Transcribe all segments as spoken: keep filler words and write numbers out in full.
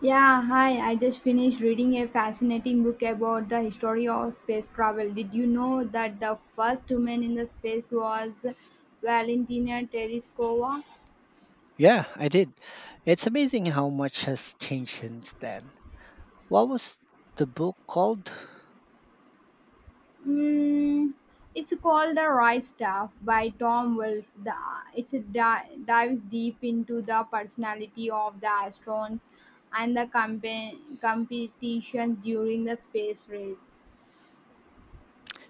Yeah, hi. I just finished reading a fascinating book about the history of space travel. Did you know that the first woman in the space was Valentina Tereshkova? Yeah, I did. It's amazing how much has changed since then. What was the book called? Mm, it's called The Right Stuff by Tom Wolfe. The, it's a di- dives deep into the personality of the astronauts and the compa- competitions during the space race.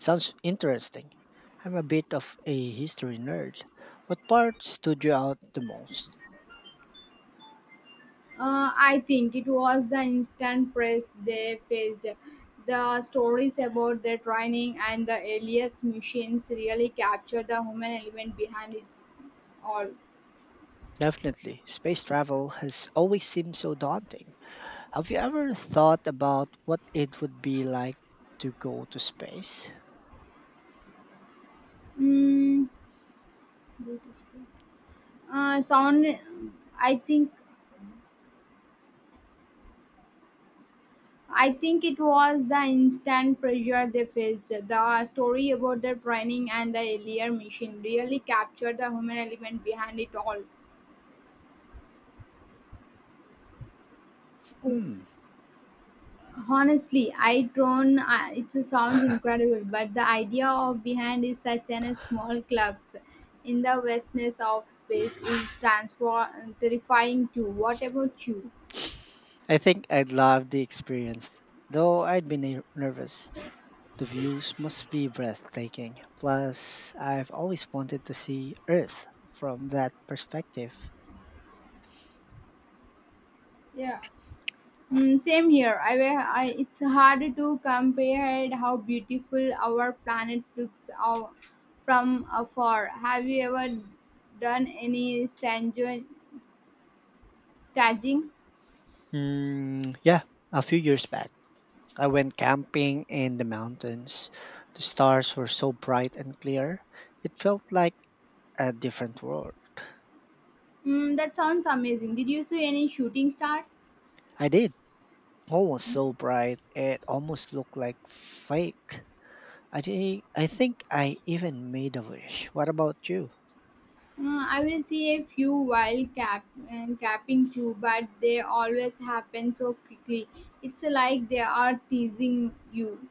Sounds interesting. I'm a bit of a history nerd. What part stood you out the most? Uh, I think it was the instant press they faced. The stories about the training and the earliest machines really capture the human element behind it all. Definitely. Space travel has always seemed so daunting. Have you ever thought about what it would be like to go to space? Mm, uh, sound. I think. I think it was the instant pressure they faced. The story about the training and the earlier machine really captured the human element behind it all. Hmm. Honestly, I drone. Uh, it sounds incredible, but the idea of behind is such an a small clubs in the vastness of space is transform terrifying too. What about you? I think I'd love the experience, though I'd be ner- nervous. The views must be breathtaking. Plus, I've always wanted to see Earth from that perspective. Yeah. Mm, same here. I, wa- I it's hard to compare how beautiful our planet looks out from afar. Have you ever done any staging? Staging? Mm, yeah, a few years back, I went camping in the mountains. The stars were so bright and clear, it felt like a different world. Mm, that sounds amazing. Did you see any shooting stars? I did. All was so bright, it almost looked like fake. I, thi- I think I even made a wish. What about you? Uh, I will see a few wild cap and capping too, but they always happen so quickly. It's like they are teasing you.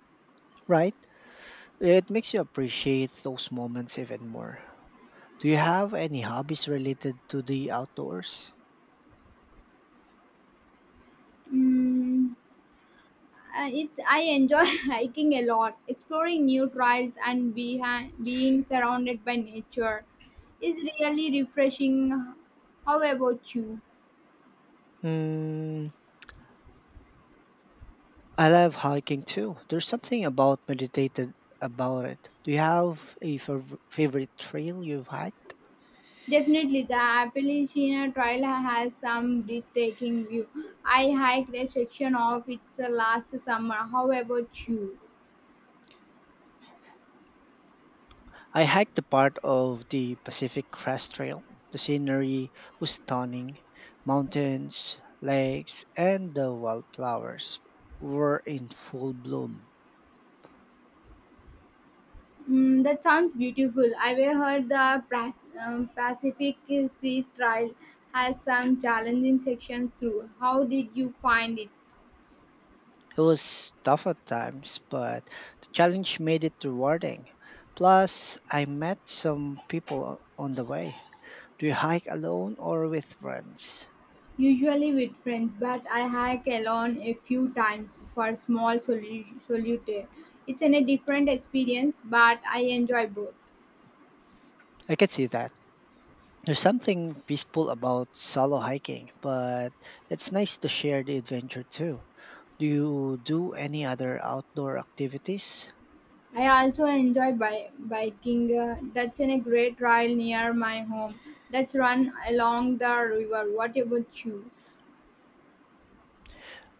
Right? It makes you appreciate those moments even more. Do you have any hobbies related to the outdoors? Mm, uh, it, I enjoy hiking a lot, exploring new trails, and behi- being surrounded by nature is really refreshing. How about you? Mm, I love hiking too. There's something about meditated about it. Do you have a fav- favorite trail you've hiked? Definitely, the Appalachian Trail has some breathtaking view. I hiked a section of it uh, last summer. How about you? I hiked the part of the Pacific Crest Trail. The scenery was stunning. Mountains, lakes, and the wildflowers were in full bloom. Mm, that sounds beautiful. I've heard the Pas- um, Pacific Sea Trail has some challenging sections through. How did you find it? It was tough at times, but the challenge made it rewarding. Plus, I met some people on the way. Do you hike alone or with friends? Usually with friends, but I hike alone a few times for small solu- solitaire. It's an, a different experience, but I enjoy both. I can see that. There's something peaceful about solo hiking, but it's nice to share the adventure too. Do you do any other outdoor activities? I also enjoy bi- biking. Uh, that's in a great trail near my home. That's run along the river. What about you?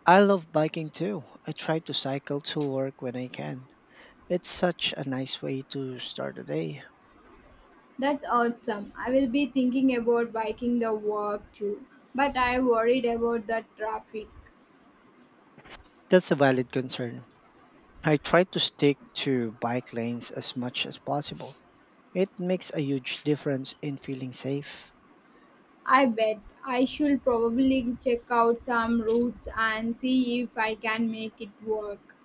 I love biking too. I try to cycle to work when I can. It's such a nice way to start a day. That's awesome. I will be thinking about biking the walk too, but I worried about the traffic. That's a valid concern. I try to stick to bike lanes as much as possible. It makes a huge difference in feeling safe. I bet I should probably check out some routes and see if I can make it work.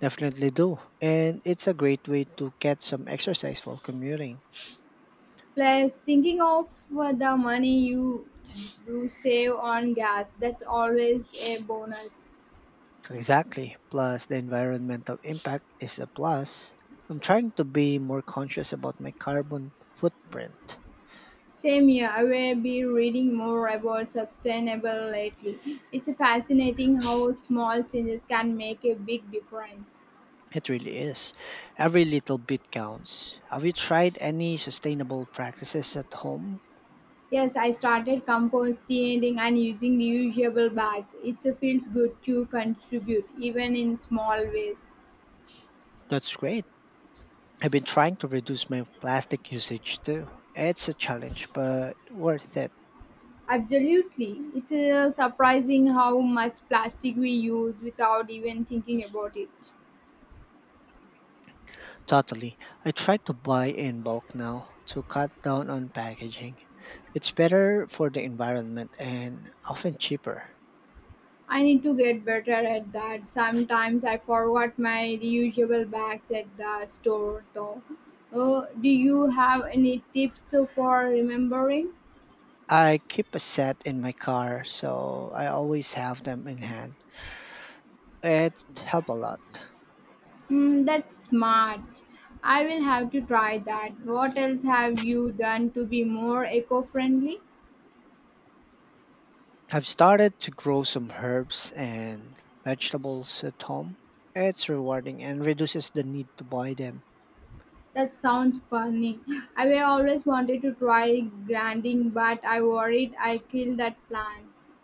Definitely do. And it's a great way to get some exercise while commuting. Plus, thinking of uh, the money you do save on gas, that's always a bonus. Exactly. Plus, the environmental impact is a plus. I'm trying to be more conscious about my carbon footprint. Same here, I will be reading more about sustainable lately. It's fascinating how small changes can make a big difference. It really is. Every little bit counts. Have you tried any sustainable practices at home? Yes, I started composting and using reusable bags. It feels good to contribute, even in small ways. That's great. I've been trying to reduce my plastic usage too. It's a challenge, but worth it. Absolutely. It's uh, surprising how much plastic we use without even thinking about it. Totally. I try to buy in bulk now to cut down on packaging. It's better for the environment and often cheaper. I need to get better at that. Sometimes I forgot my reusable bags at the store, though. Uh, do you have any tips for remembering? I keep a set in my car, so I always have them in hand. It helps a lot. Hmm, that's smart. I will have to try that. What else have you done to be more eco friendly? I've started to grow some herbs and vegetables at home. It's rewarding and reduces the need to buy them. That sounds funny. I have always wanted to try grinding, but I worried I kill that plants.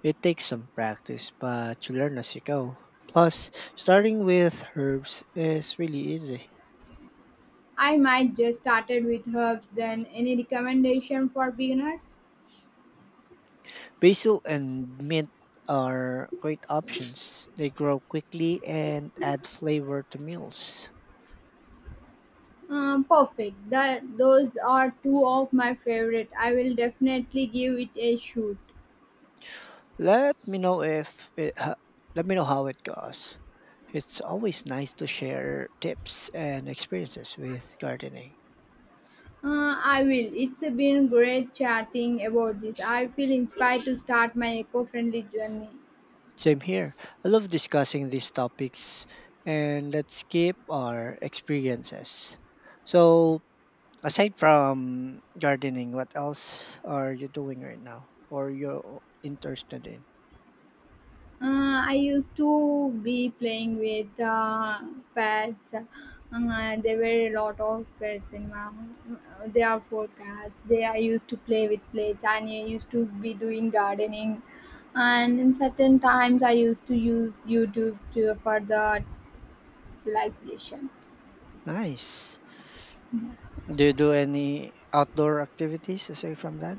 It takes some practice, but you learn as you go. Plus, starting with herbs is really easy. I might just started with herbs then. Any recommendation for beginners? Basil and mint are great options. They grow quickly and add flavor to meals. Um, perfect. That those are two of my favorite. I will definitely give it a shoot. Let me know if it, ha- Let me know how it goes. It's always nice to share tips and experiences with gardening. Uh, I will. It's been great chatting about this. I feel inspired to start my eco friendly journey. Same here. I love discussing these topics and let's keep our experiences. So aside from gardening, what else are you doing right now or you're interested in? Uh, I used to be playing with uh, pets. Uh, there were a lot of pets in my home. Uh, There are four cats. They I used to play with plates and I used to be doing gardening. And in certain times, I used to use YouTube to, for the relaxation. Nice. Do you do any outdoor activities aside from that?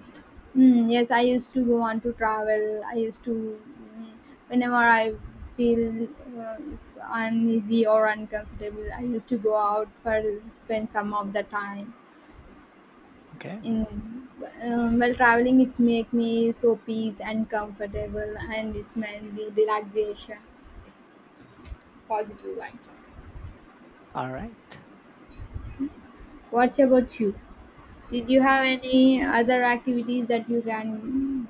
Mm, yes, I used to go on to travel. I used to, mm, whenever I feel uh, uneasy or uncomfortable, I used to go out for spend some of the time. Okay. In um, while traveling, it's make me so peace and comfortable, and it's mainly relaxation, positive vibes. All right. What about you? Did you have any other activities that you can?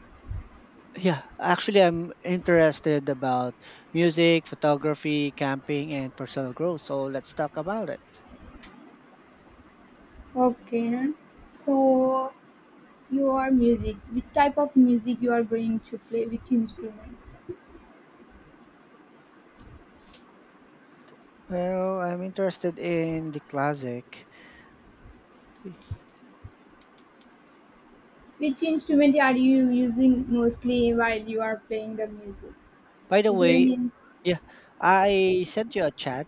Yeah, actually, I'm interested about music, photography, camping, and personal growth. So let's talk about it. Okay, huh? So your music, which type of music you are going to play, which instrument, Well, I'm interested in the classic. which instrument are you using mostly while you are playing the music? By the Is there way, any yeah, I sent you a chat.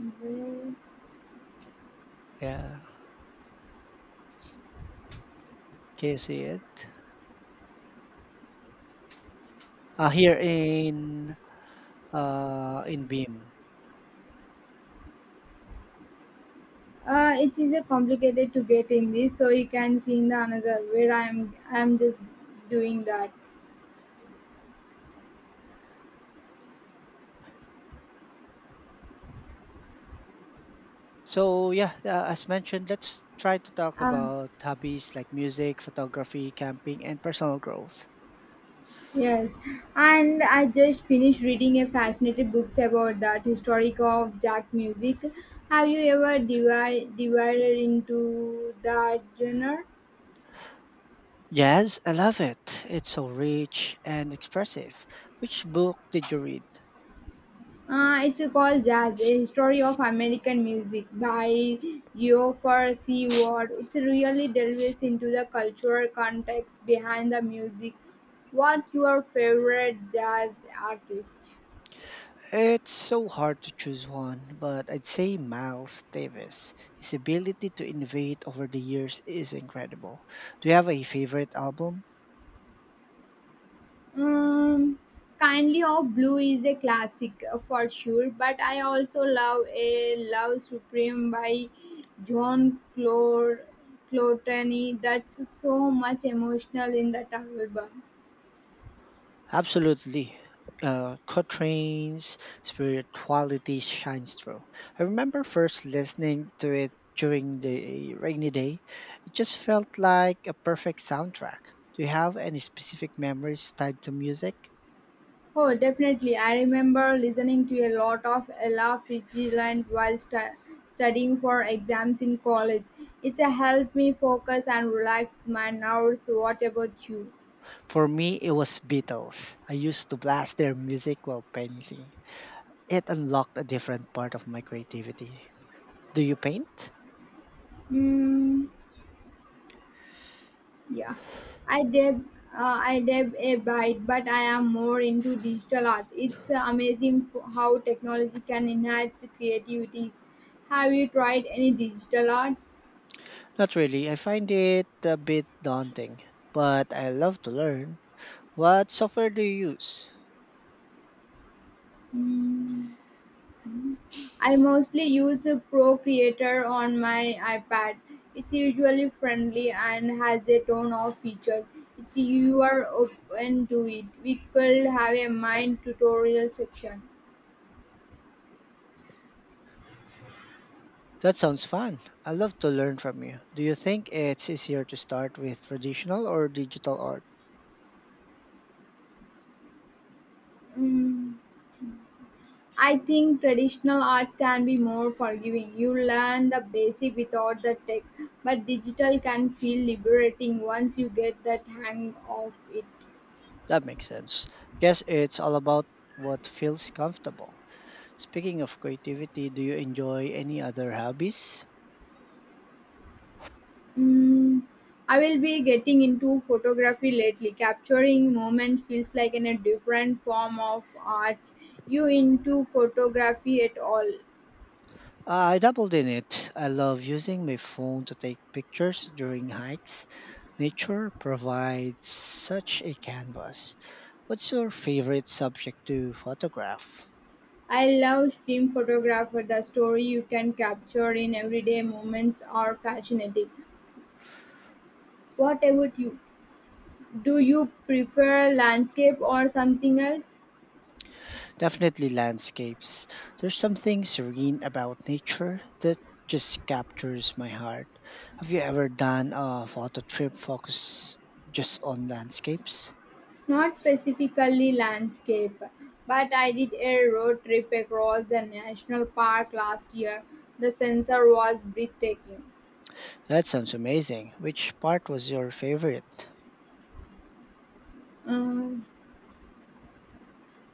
instrument? Yeah, can you see it? Uh, here in uh, in B I M. Uh, it is a complicated to get in this, so you can sing the another where I'm I'm just doing that. So yeah, uh, as mentioned, let's try to talk Um, about hobbies like music, photography, camping, and personal growth. yes, and I just finished reading a fascinating books about that historic of Jack music. Have you ever divided divided into that genre? Yes, I love it. It's so rich and expressive. Which book did you read? Uh, it's called Jazz, a history of American music by Geoffrey C. Ward. It really delves into the cultural context behind the music. What your favorite jazz artist? It's so hard to choose one, but I'd say Miles Davis. His ability to innovate over the years is incredible. Do you have a favorite album? Um, Kindly of Blue is a classic uh, for sure, but I also love a Love Supreme by John Clore Clotany. That's so much emotional in that album. Absolutely. Uh, Cotrane's spirituality shines through. I remember first listening to it during the rainy day. It just felt like a perfect soundtrack. Do you have any specific memories tied to music? Oh, definitely. I remember listening to a lot of Ella Fitzgerald while stu- studying for exams in college. It helped me focus and relax my nerves. What about you? For me, it was Beatles. I used to blast their music while painting. It unlocked a different part of my creativity. Do you paint? Mm, yeah, I dab, uh, I dab a bit, but I am more into digital art. It's uh, amazing f- how technology can enhance creativities. Have you tried any digital arts? Not really. I find it a bit daunting, but I love to learn. What software do you use? Mm. I mostly use Procreator on my iPad. It's usually friendly and has a ton of features. If you are open to it, we could have a mind tutorial section. That sounds fun. I love to learn from you. Do you think it's easier to start with traditional or digital art? Mm, I think traditional arts can be more forgiving. You learn the basic without the tech, but digital can feel liberating once you get that hang of it. That makes sense. I guess it's all about what feels comfortable. Speaking of creativity, do you enjoy any other hobbies? Mm, I will be getting into photography lately. Capturing moment feels like in a different form of arts. You into photography at all? I dabbled in it. I love using my phone to take pictures during hikes. Nature provides such a canvas. What's your favorite subject to photograph? I love stream photographer. The story you can capture in everyday moments are fascinating. What about you? Do you prefer landscape or something else? Definitely landscapes. There's something serene about nature that just captures my heart. Have you ever done a photo trip focused just on landscapes? Not specifically landscape, but I did a road trip across the national park last year. The sensor was breathtaking. That sounds amazing. Which part was your favorite? Um,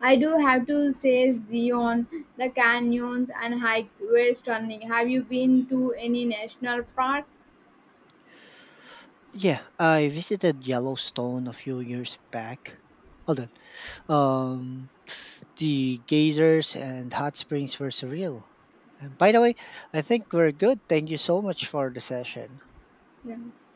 I do have to say, Zion, the canyons and hikes were stunning. Have you been to any national parks? Yeah, I visited Yellowstone a few years back. Hold on. Um, the geysers and hot springs were surreal. And by the way, I think we're good. Thank you so much for the session. Yes.